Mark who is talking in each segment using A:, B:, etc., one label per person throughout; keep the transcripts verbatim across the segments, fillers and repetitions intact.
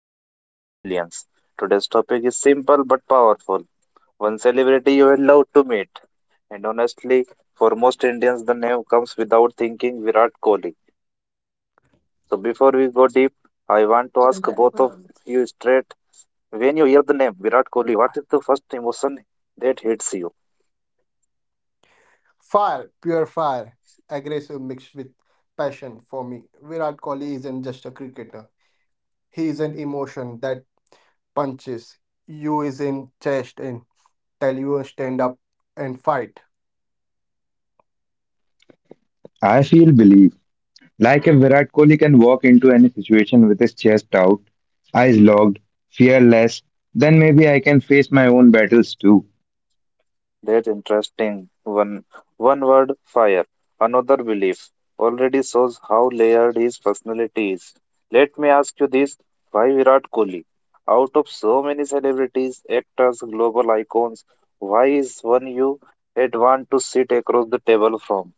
A: shared by millions. Today's topic is simple but powerful. One celebrity you will love to meet. And honestly, for most Indians, the name comes without thinking Virat Kohli. So before we go deep, I want to ask both of you straight when you hear the name Virat Kohli, what is the first emotion that hits you?
B: Fire, pure fire, aggressive mixed with passion for me. Virat Kohli isn't just a cricketer. He is an emotion that punches you is in chest and tell you stand up and fight.
C: I feel belief. Like if Virat Kohli can walk into any situation with his chest out, eyes locked, fearless, then maybe I can face my own battles too.
A: That's interesting. One one word fire, another belief. Already shows how layered his personality is. Let me ask you this: Why Virat Kohli? Out of so many celebrities, actors, global icons, why is one you had want to sit across the table from?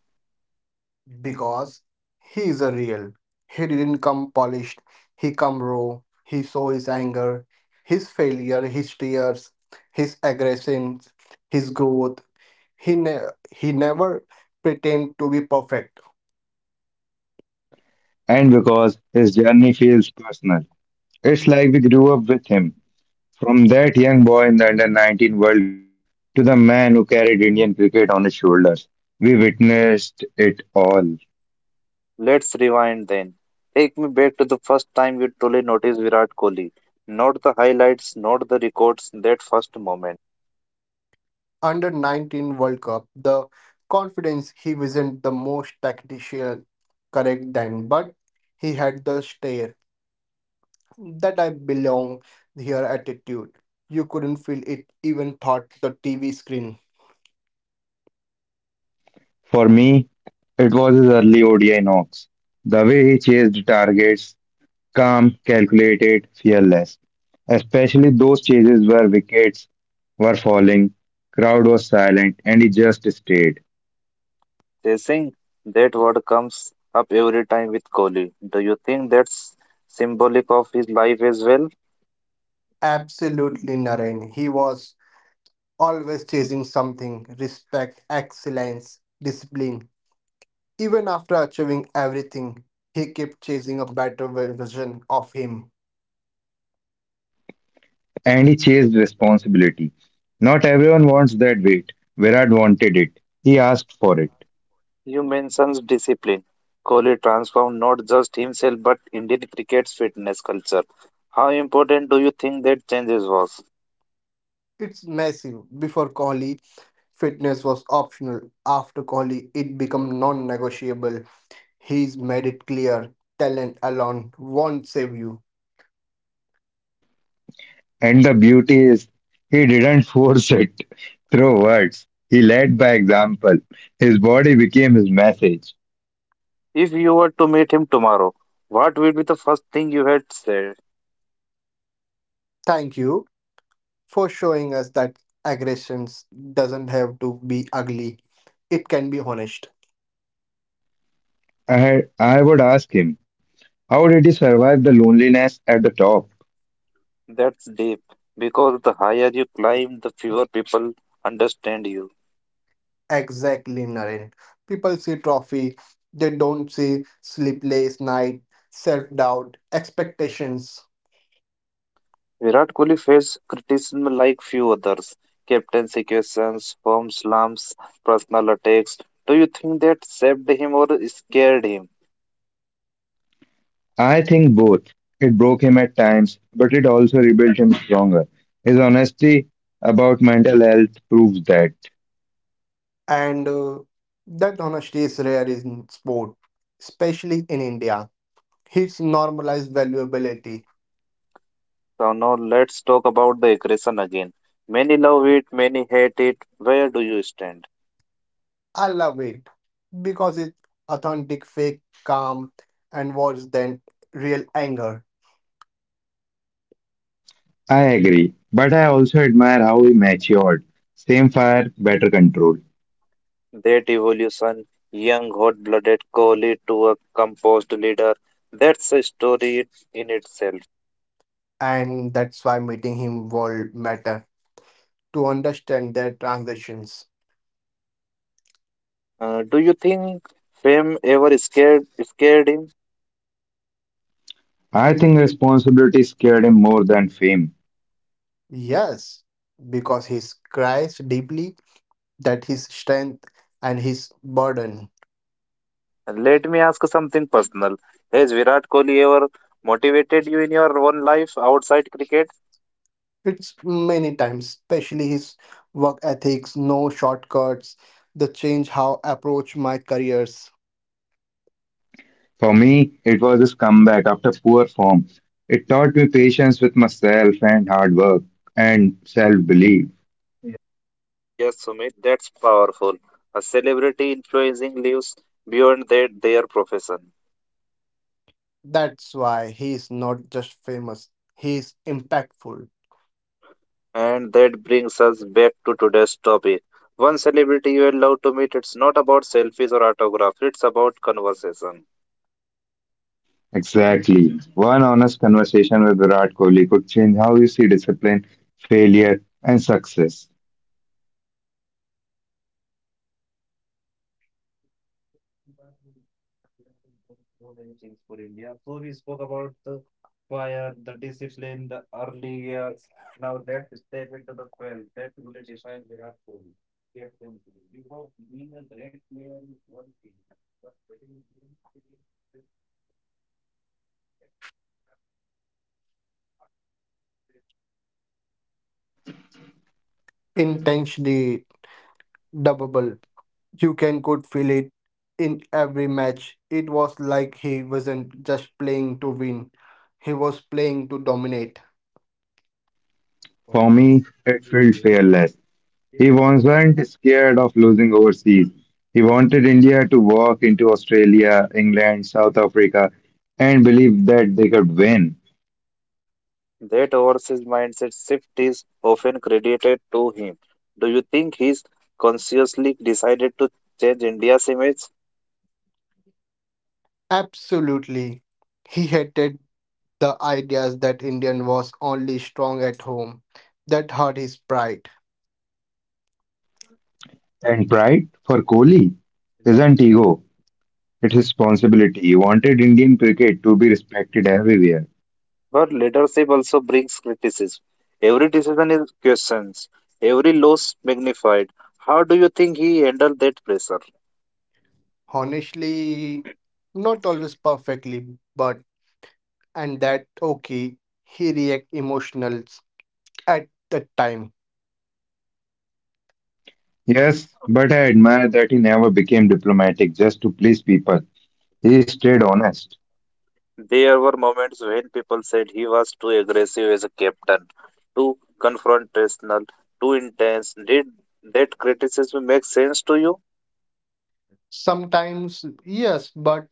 B: Because he is a real. He didn't come polished. He come raw. He saw his anger, his failure, his tears, his aggressions, his growth. He ne- he never pretend to be perfect.
C: And because his journey feels personal, it's like we grew up with him. From that young boy in the under nineteen World Cup to the man who carried Indian cricket on his shoulders, we witnessed it all.
A: Let's rewind then. Take me back to the first time you truly noticed Virat Kohli. Not the highlights, not the records, that first moment.
B: Under nineteen World Cup, the confidence he wasn't the most tactical correct then, but he had the stare that I belong here attitude. You couldn't feel it even thought the T V screen.
C: For me, it was his early O D I knocks, the way he chased targets, calm, calculated, fearless. Especially those chases where wickets were falling, crowd was silent, and he just stayed.
A: Chasing, that word comes up every time with Kohli. Do you think that's symbolic of his life as well?
B: Absolutely, Naren. He was always chasing something, respect, excellence, discipline. Even after achieving everything, he kept chasing a better version of him.
C: And he chased responsibility. Not everyone wants that weight. Virat wanted it. He asked for it.
A: You mentioned discipline. Kohli transformed not just himself but Indian cricket's fitness culture. How important do you think that changes was?
B: It's massive. Before Kohli, fitness was optional. After Kohli, it became non-negotiable. He's made it clear talent alone won't save you.
C: And the beauty is, he didn't force it through words. He led by example. His body became his message.
A: If you were to meet him tomorrow, what would be the first thing you had said?
B: Thank you for showing us that aggressions doesn't have to be ugly. It can be honest.
C: I, I would ask him, how did he survive the loneliness at the top?
A: That's deep, because the higher you climb, the fewer people understand you.
B: Exactly, Naren. People see trophy, they don't see sleepless night, self-doubt, expectations,
A: Virat Kohli faced criticism like few others. Captaincy questions, form slumps, personal attacks. Do you think that saved him or scared him?
C: I think both. It broke him at times, but it also rebuilt him stronger. His honesty about mental health proves that.
B: and uh, that honesty is rare in sport, especially in India. It's normalized valuability.
A: So now let's talk about the aggression again. Many love it, many hate it. Where do you stand?
B: I love it because it's authentic, fake, calm, and worse than real anger.
C: I agree, but I also admire how he matured. Same fire, better control.
A: That evolution, young hot-blooded Kohli to a composed leader, that's a story in itself.
B: And that's why meeting him will matter to understand their transitions.
A: Uh, do you think fame ever scared scared him?
C: I think responsibility scared him more than fame.
B: Yes, because he cries deeply that his strength and his burden.
A: Let me ask something personal. Has Virat Kohli ever motivated you in your own life outside cricket?
B: It's many times, especially his work ethics, no shortcuts, the change how approach my careers.
C: For me, it was his comeback after poor form. It taught me patience with myself and hard work and self belief.
A: Eh, Yes, Sumit, that's powerful. A celebrity influencing lives beyond their, their profession.
B: That's why he is not just famous, he is impactful,
A: And that brings us back to today's topic. One celebrity you love to meet, it's not about selfies or autographs, it's about conversation.
C: Exactly. One honest conversation with Virat Kohli could change how you see discipline, failure, and success.
B: intentionally double. You can could feel it in every match. It was like he wasn't just playing to win. He was playing to dominate.
C: For me, it felt fearless. He wasn't scared of losing overseas. He wanted India to walk into Australia, England, South Africa, and believe that they could win.
A: That overseas mindset shift is often credited to him. Do you think he's consciously decided to change India's image?
B: Absolutely. He hated the ideas that Indian was only strong at home. That hurt his pride.
C: And pride for Kohli isn't ego, it's responsibility. He wanted Indian cricket to be respected everywhere.
A: But leadership also brings criticism. Every decision is questioned, every loss magnified. How do you think he handled that pressure?
B: Honestly, not always perfectly, but and that okay, he react emotionals at the time.
C: Yes, but I admire that he never became diplomatic just to please people. He stayed honest.
A: There were moments when people said he was too aggressive as a captain, too confrontational, too intense. Did that criticism make sense to you?
B: Sometimes, yes, but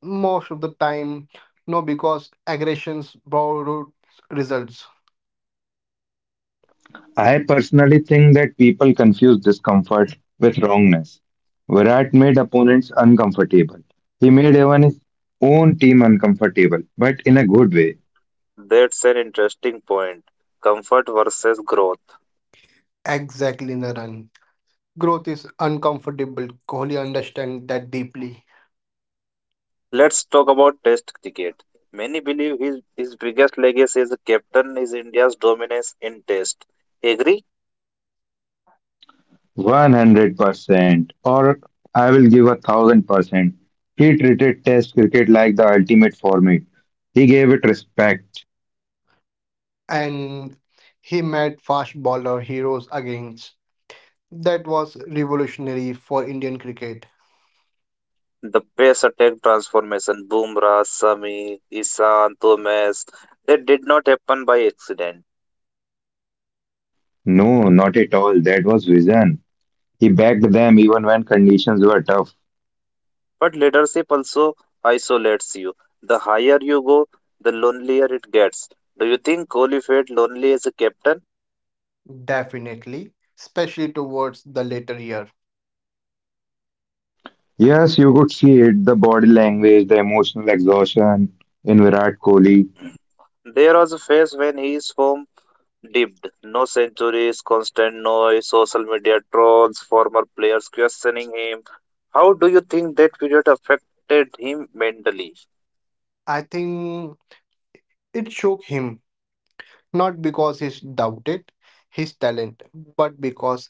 B: most of the time, no, because aggressions borrowed results.
C: I personally think that people confuse discomfort with wrongness. Virat made opponents uncomfortable. He made even his own team uncomfortable, but in a good way.
A: That's an interesting point. Comfort versus growth.
B: Exactly, Naran. Growth is uncomfortable. Kohli understands that deeply.
A: Let's talk about Test cricket. Many believe his, his biggest legacy as a captain is India's dominance in Test. Agree?
C: one hundred percent or I will give a one thousand percent. He treated test cricket like the ultimate format. He gave it respect.
B: And he met fast bowler heroes again. That was revolutionary for Indian cricket.
A: The best attack transformation, Bumrah, Sami, Isan, Thomas, they did not happen by accident.
C: No, not at all. That was vision. He backed them even when conditions were tough.
A: But leadership also isolates you. The higher you go, the lonelier it gets. Do you think Kohli felt lonely as a captain?
B: Definitely, especially towards the later year.
C: Yes, you could see it the body language, the emotional exhaustion in Virat Kohli,
A: There was a phase when his form dipped. No centuries, constant noise, social media trolls, former players questioning him. How do you think that period affected him mentally?
B: I think it shook him not because he doubted his talent, but because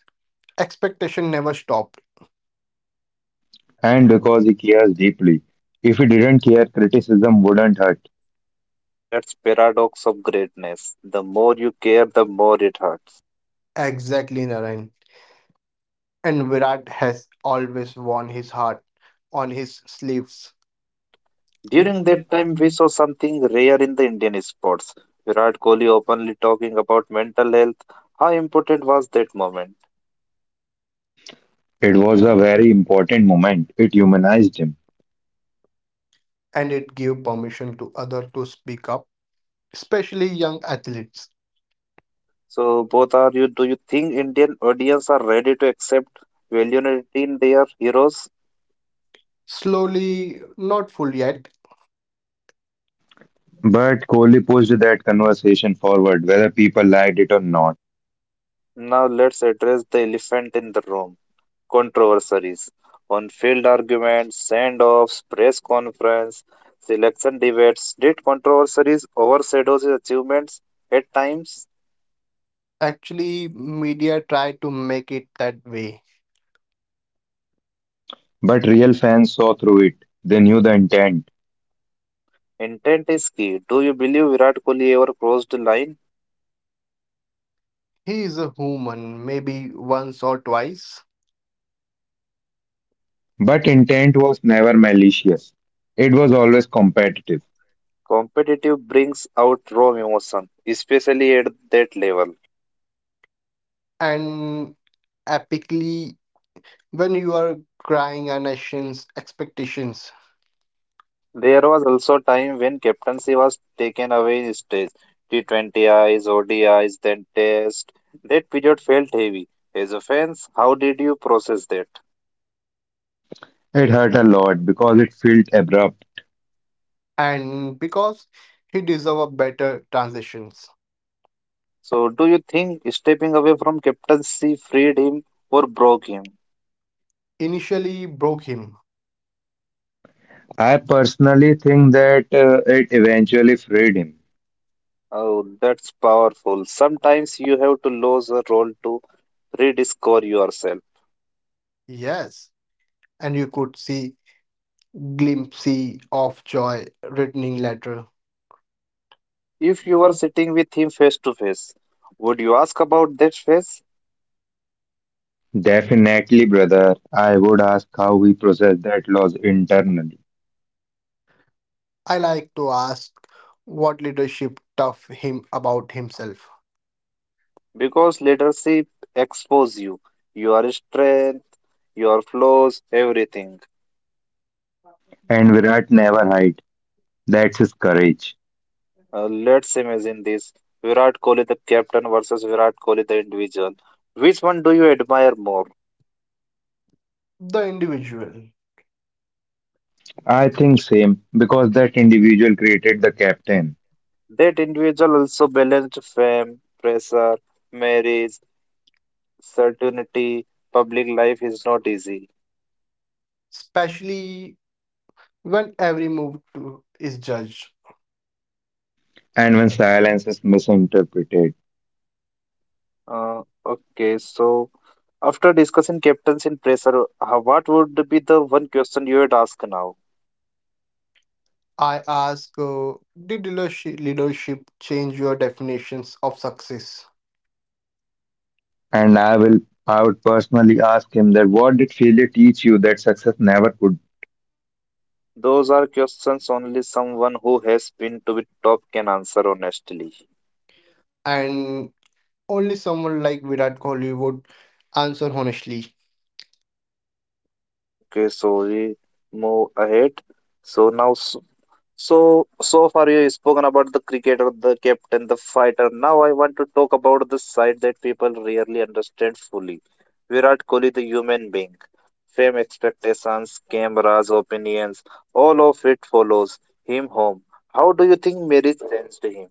B: expectation never stopped.
C: and because he cares deeply. If he didn't care, criticism wouldn't hurt.
A: And that's paradox of greatness. The more you care, the more it hurts.
B: Exactly, Naren. And Virat has always worn his heart on his sleeves,
A: During that time,
C: It
A: we saw something rare in the Indian sports. Virat Kohli openly talking about mental health. How important was that moment?
C: was a very important moment. It humanized him.
B: and it gave permission to others to speak up, especially young athletes.
A: So, both are you? Do you think Indian audience are ready to accept validity in their heroes?
B: Slowly, not full yet,
C: But Kohli pushed that conversation forward, whether people liked it or not.
A: Now, let's address the elephant in the room. Controversies on field arguments, send offs, press conference, selection debates. Did controversies overshadow his achievements at times?
B: actually, media tried to make it that way.
C: But real fans saw through it. They knew the intent.
A: Intent is key. Do you believe Virat Kohli ever crossed the line?
B: He is a human, maybe once or twice,
C: But intent was never malicious. It was always competitive.
A: Competitive brings out raw emotion, especially at that level.
B: and epically when you are crying a nation's expectations.
A: There was also time when captaincy was taken away in stage. T twenty I s, O D Is, then Test. That period felt heavy. As a fans, how did you process that?
C: It hurt a lot because it felt abrupt.
B: And because he deserved better transitions.
A: So, do you think stepping away from captaincy freed him or broke him?
B: Initially broke him,
C: I personally think that uh, it eventually freed
A: Oh, that's powerful. Sometimes you have to lose a role to rediscover yourself.
B: yes, and you could see glimpse of joy returning later.
A: If you were
C: him.
A: sitting with him face to face, would you ask about that face?
C: Definitely, brother. I would ask how we process that loss internally.
B: I like to ask what leadership taught him about himself,
A: Because leadership exposes you, your strength, your flaws, everything.
C: And Virat never hide. That's his courage.
A: Uh, let's imagine this Virat Kohli, the captain, versus Virat Kohli, the individual. Which one do you admire more?
B: the individual,
C: I think same because that individual created the captain.
A: That individual also balanced fame, pressure, marriage, certainty, public life is not easy.
B: especially when every move to is judged.
C: And when silence is misinterpreted,
A: Uh, okay, so after discussing captains and pressure, how, what would be the one question you would ask now?
B: I ask, uh, did leadershi- leadership change your definitions of success?
C: and I will, I would personally ask him that what did failure teach you that success never could?
A: Those are questions only someone who has been to the top can answer honestly.
B: And only someone like Virat Kohli would answer honestly.
A: Okay, so we move ahead. So now So, so far you spoken about the cricketer, the captain, the fighter. Now I want to talk about the side that people rarely understand fully. Virat Kohli, the human being. Fame, expectations, cameras, opinions, all of it follows him home. How do you think marriage changed him?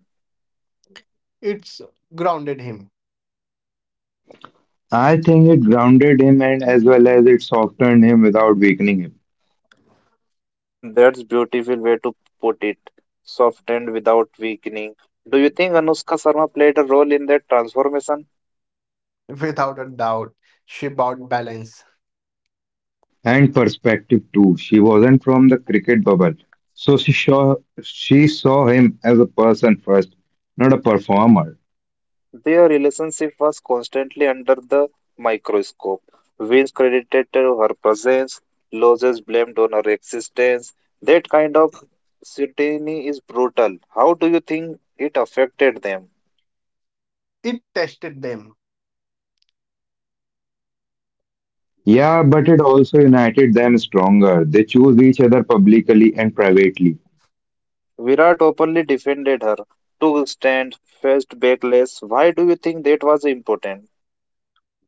B: It's grounded him
C: I think it grounded him and as well as it softened him without weakening him.
A: That's beautiful way to put it. Softened without weakening. Do you think Anushka Sharma played a role in that transformation?
B: without a doubt. She bought balance.
C: And perspective too. She wasn't from the cricket bubble. So she saw she saw him as a person first, not a performer.
A: Their relationship was constantly under the microscope. Wins credited to her presence, losses blamed on her existence. That kind of scrutiny is brutal. How do you think it affected them?
B: It tested them
C: Yeah, but it also united them stronger. They choose each other publicly and privately.
A: Virat openly defended her, took stand, faced backlash. Why do you think that was important?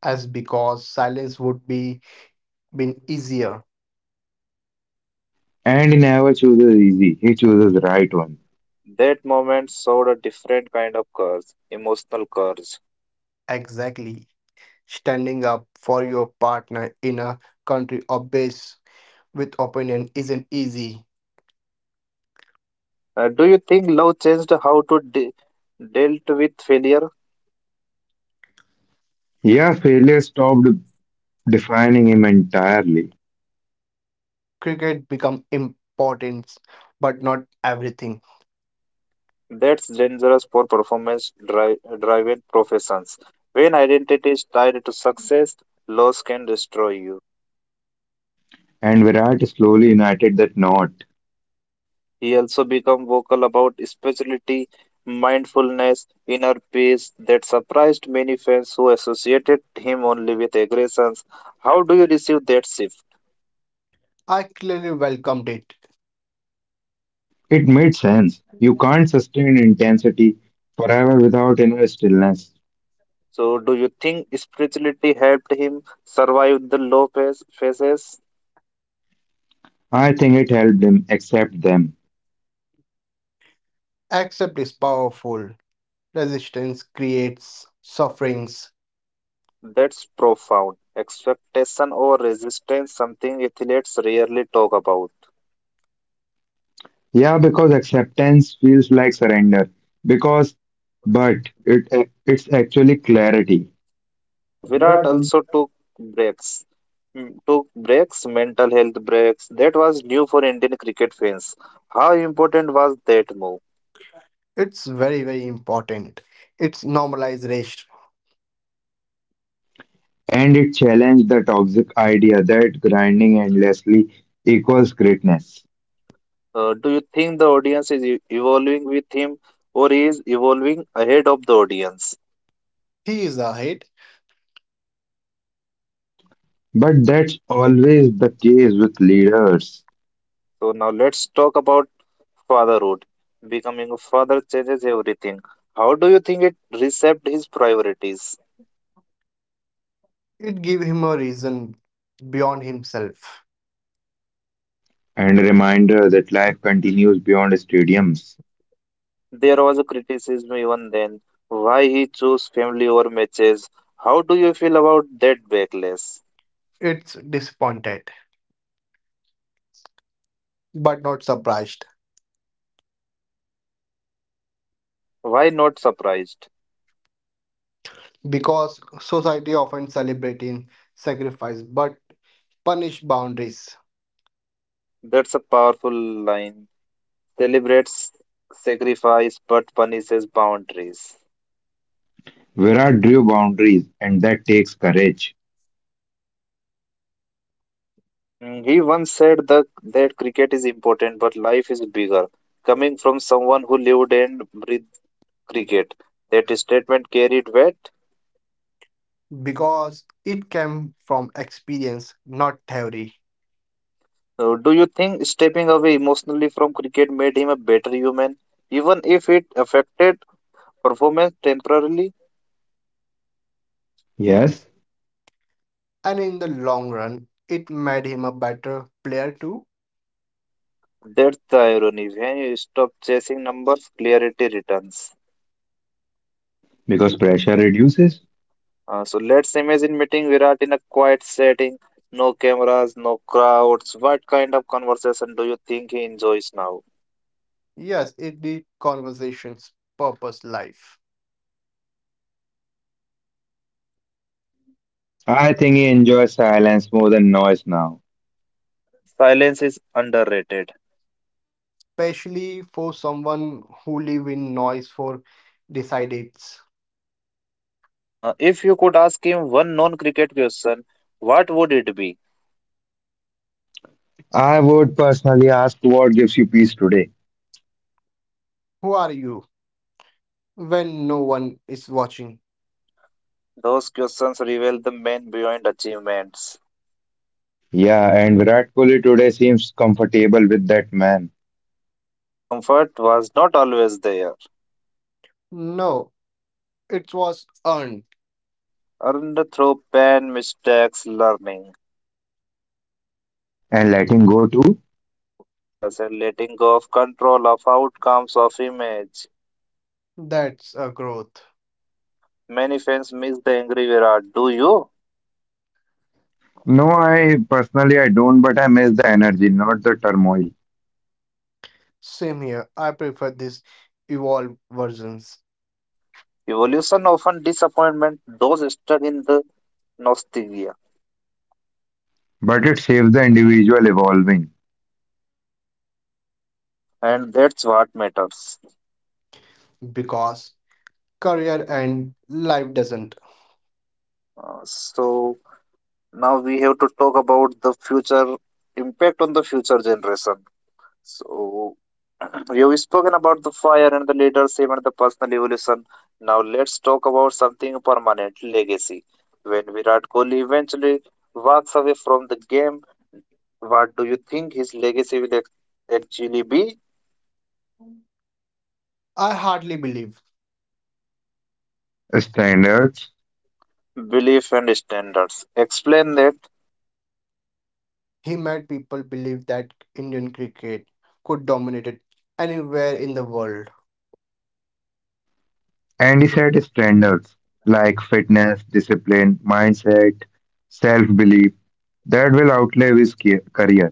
B: as because silence would be been easier.
C: And he never chooses easy. He chooses the right one.
A: That moment showed a different kind of curse, emotional curse.
B: Exactly. Standing up for your partner in a country obsessed with opinion isn't easy.
A: Uh, do you think love changed how to de- dealt with failure?
C: Yeah, failure stopped defining him entirely.
B: Cricket become important, but not everything.
A: That's dangerous for performance dri- driven professions. When identity is tied to success, loss can destroy you.
C: And Virat slowly united that knot.
A: He also became vocal about spirituality, mindfulness, inner peace that surprised many fans who associated him only with aggressions. How do you receive that shift?
B: I clearly welcomed it.
C: It made sense. You can't sustain intensity forever without inner stillness.
A: So, do you think spirituality helped him survive the low phase- phases?
C: I think it helped him accept them.
B: Accept is powerful. Resistance creates sufferings.
A: That's profound. Expectation or resistance, something athletes rarely talk about.
C: Yeah, because acceptance feels like surrender. Because, but it it's actually clarity.
A: Virat also took breaks, mm, took breaks, mental health breaks. That was new for Indian cricket fans. How important was that move?
B: It's very, very important. It's normalized rest.
C: And it challenged the toxic idea that grinding endlessly equals greatness.
A: Uh, do you think the audience is e- evolving with him, or he is evolving ahead of the audience?
B: He is ahead.
C: But that's always the case with leaders.
A: So now let's talk about fatherhood. Becoming a father changes everything. How do you think it reshaped his priorities?
B: It gives him a reason beyond himself.
C: And a reminder that life continues beyond stadiums.
A: There was a criticism even then. Why he chose family over matches? How do you feel about that backlash?
B: It's disappointed, but not surprised,
A: Why not surprised?
B: because society often celebrating sacrifice but punish boundaries
A: That's a powerful line. Celebrates sacrifice but punishes boundaries.
C: Virat drew boundaries, and that takes courage.
A: Mm, He once said that, that cricket is important but life is bigger. Coming from someone who lived and breathed cricket, that statement carried weight.
B: because it came from experience, not theory.
A: Uh, Do you think stepping away emotionally from cricket made him a better human, even if it affected performance temporarily?
C: Yes,
B: And in the long run, it made him a better player too.
A: That's the irony. When you stop chasing numbers, clarity returns.
C: because pressure reduces.
A: Uh, so let's imagine meeting Virat in a quiet setting, no cameras, no crowds. What kind of conversation do you think he enjoys now?
B: Yes, it did conversations purpose life,
C: I think he enjoys silence more than noise now.
A: Silence is underrated.
B: especially for someone who live in noise for decides
A: Uh, if you could ask him one non cricket question, what would it be?
C: I would personally ask what gives you peace today.
B: who are you when no one is watching.
A: Those questions reveal the man behind achievements.
C: Yeah, and Virat Kohli today seems comfortable with that man
A: Comfort was not always there.
B: No, it was earned.
A: Earned through pain, mistakes, learning.
C: and letting go too.
A: Yes, and letting go of control of outcomes of image.
B: That's a growth.
A: Many fans miss the angry Virat. Do you?
C: No, I personally I don't, but I miss the energy, not the turmoil.
B: Same here. I prefer these evolved versions
A: Evolution often disappointment those stuck in the nostalgia,
C: But it saves the individual evolving
A: and that's what matters.
B: because career and life doesn't.
A: Uh, so now we have to talk about the future impact on the future generation. So you've spoken about the fire and the leadership and the personal evolution. Now let's talk about something permanent legacy. When Virat Kohli eventually walks away from the game, what do you think his legacy will ac- actually be
B: I hardly believe
C: standards.
A: belief and standards. Explain that
B: he made people believe that Indian cricket could dominate it anywhere in the world.
C: And he set standards like fitness, discipline, mindset, self belief that will outlive his ca- career,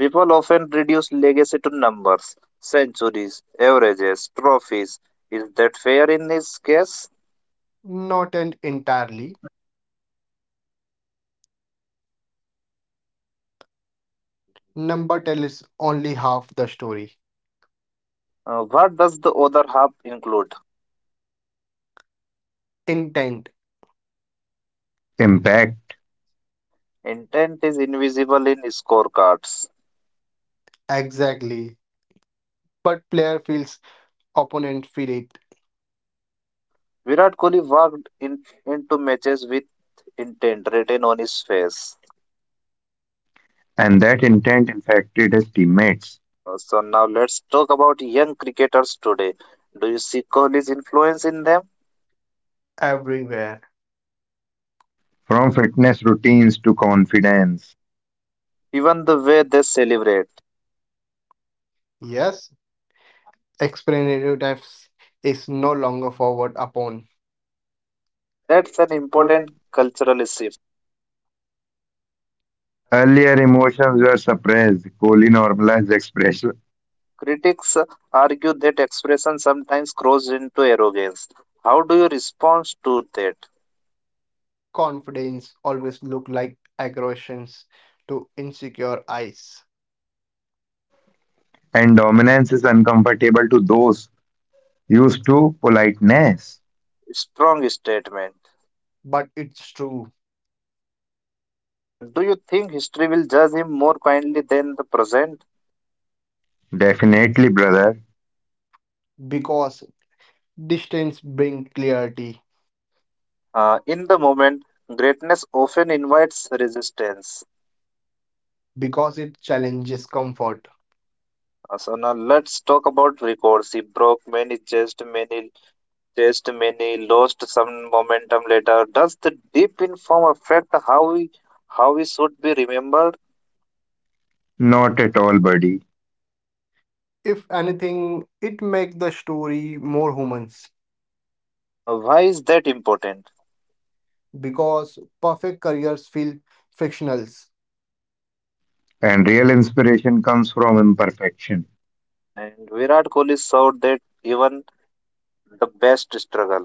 A: people often reduce legacy to numbers, centuries, averages, trophies. Is that fair in this case?
B: Not and entirely. Number tell is only half the story.
A: Uh, what does the other half include?
B: Intent,
C: impact,
A: Intent is invisible in scorecards.
B: exactly. But player feels, opponent feel it
A: Virat Kohli walked in, into matches with intent written on his face.
C: and that intent infected his teammates
A: Uh, so now let's talk about young cricketers today. Do you see Kohli's influence in them?
B: everywhere.
C: from fitness routines to confidence.
A: Even the way they celebrate.
B: Yes. Explanative depth is no longer forward upon.
A: That's an
C: But
A: important
C: important.
A: cultural shift.
C: Earlier emotions were suppressed, Kohli normalized expression,
A: Critics argue that expression sometimes grows into arrogance. How do you respond to that?
B: Confidence always look like aggressions to insecure eyes.
C: and dominance is uncomfortable to those used to politeness.
A: Strong statement.
B: But it's true
A: Uh, do you think history will judge him more kindly than the present?
C: Definitely, brother,
B: because distance brings clarity,
A: Uh, in the moment, greatness often invites resistance.
B: because it challenges comfort.
A: Uh, so now let's talk about records. He broke many chests, many chests, many lost some momentum later. Does the deep in form affect how we how we should be remembered?
C: not at all, buddy.
B: If anything, it makes the story more humans
A: Uh, why is that important?
B: because perfect careers feel fictional
C: And real inspiration comes from imperfection.
A: And Virat Kohli showed that even the best struggle.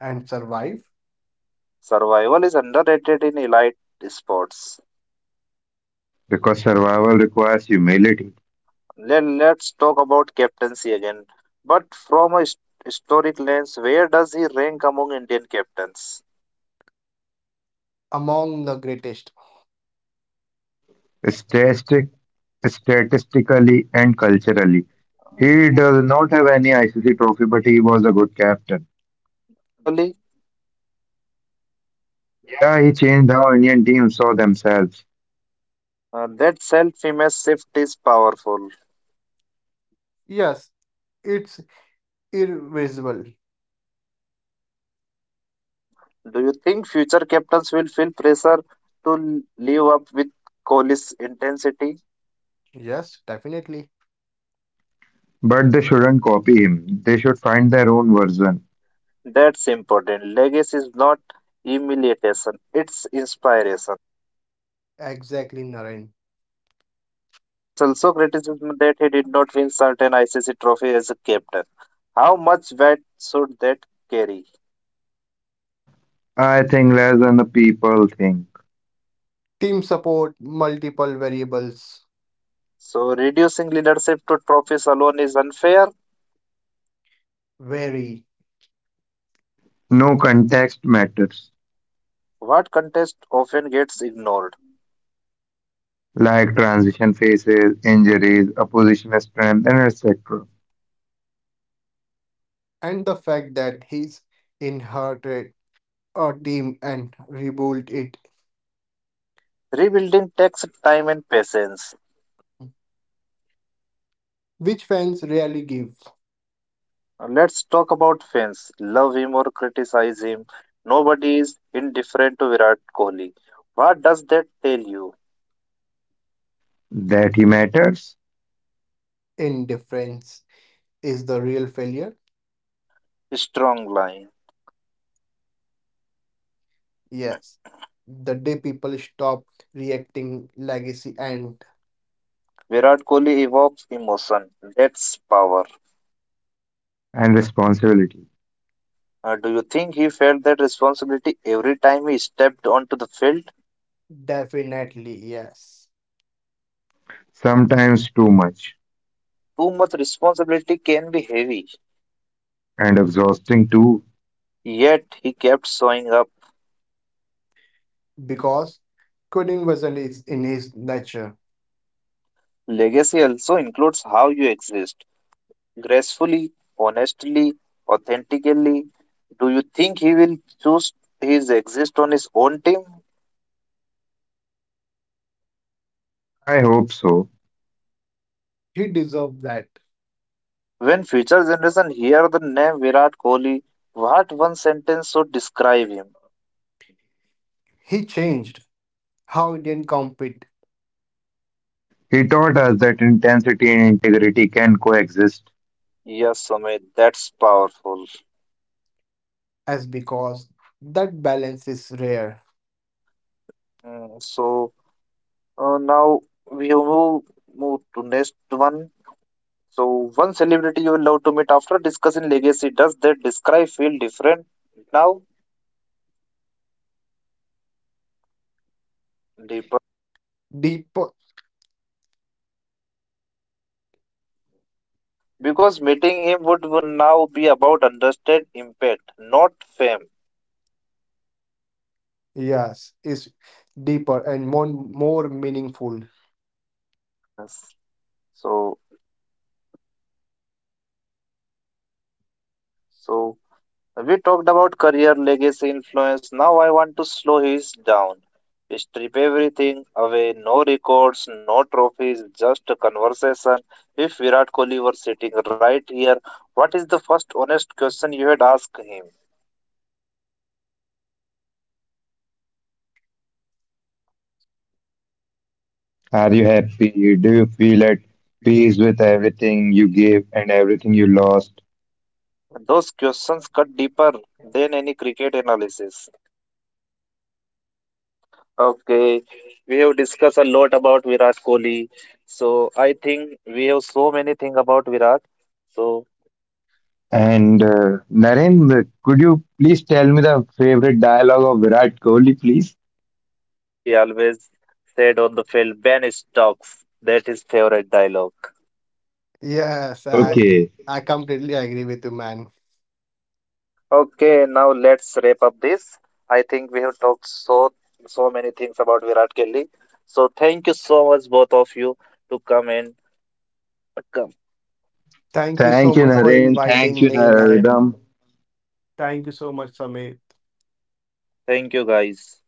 B: and survive
A: Survival is underrated in elite sports.
C: Because survival requires humility,
A: Let, let's talk about captaincy again. But from a his- historic lens, where does he rank among Indian captains?
B: among the greatest.
C: statistic, statistically and culturally. He does not have any I C C trophy, but he was a good captain.
A: Naturally,
C: Yeah, he changed how Indian teams saw themselves,
A: uh, that self image shift is powerful.
B: Yes, it's irreversible.
A: Uh, do you think future captains will feel pressure to live up with Kohli's intensity?
B: Yes, definitely.
C: but they shouldn't copy him. They should find their own version.
A: That's important. Legacy is not humiliation, it's inspiration.
B: Exactly, Naren.
A: There's also criticism that he did not win certain I C C trophy as a captain. How much weight should that carry?
C: I think less than the people think.
B: Team support, multiple variables,
A: So reducing leadership to trophies alone is unfair.
B: vary,
C: No, context matters,
A: What contest often gets ignored.
C: like transition phases, injuries, opposition strength, and et cetera.
B: and the fact that he's inherited a team and rebuilt it,
A: Rebuilding takes time and patience.
B: which fans rarely give
A: Let's talk about fans. Love him or criticize him. Nobody is indifferent to Virat Kohli. What does that tell you?
C: That he matters,
B: indifference, is the real failure.
A: Strong line.
B: Yes, the day people stop reacting legacy and
A: Virat Kohli evokes emotion. That's power.
C: and responsibility.
A: Uh, do you think he felt that responsibility every time he stepped onto the field?
B: definitely yes,
C: Sometimes too much.
A: Too much responsibility can be heavy,
C: And exhausting too?
A: yet he kept showing up.
B: because quitting wasn't is in his nature.
A: Legacy also includes how you exist gracefully, honestly, authentically. Do you think he will choose his exist on his own team?
C: I hope so.
B: He deserved that.
A: When future generation hear the name Virat Kohli, what one sentence should describe him?
B: He changed how Indian compete
C: He taught us that intensity and integrity can coexist.
A: Yes, Amit, that's powerful.
B: as because that balance is rare
A: Mm, so uh, now we will move move to next one. So one celebrity you will love to meet after discussing legacy. Does that describe feel different now? Deepak
B: deeper.
A: meaning because meeting him would, would now be about understand impact, not fame.
B: Yes is deeper and more more meaningful.
A: Yes. So so we talked about career, legacy, influence. Now I want to slow his down. Strip everything away, no records, no trophies, just a conversation. If Virat Kohli were sitting right here, what is the first honest question you had asked him?
C: Are you happy? Do you feel at peace with everything you gave and everything you lost?
A: Those questions cut deeper than any cricket analysis. Okay, we have discussed a lot about Virat Kohli. So I think we have so many things about Virat. So
C: And uh, Naren, could you please tell me the favorite dialogue of Virat Kohli, please?
A: he always said on the field, Ben Stokes. That is favorite dialogue.
B: Yes, i
C: Okay.
B: i completely agree with you, man.
A: Okay, now let's wrap up this. I think we have talked so so many things about Virat Kohli. So thank you so much both of you to come and come.
B: Thank you so
C: Thank you,
B: much for
C: Naren. Thank
B: inviting
C: you,
B: me, Naren.
C: Naradam.
B: Thank you so much, Samir.
A: Thank you guys.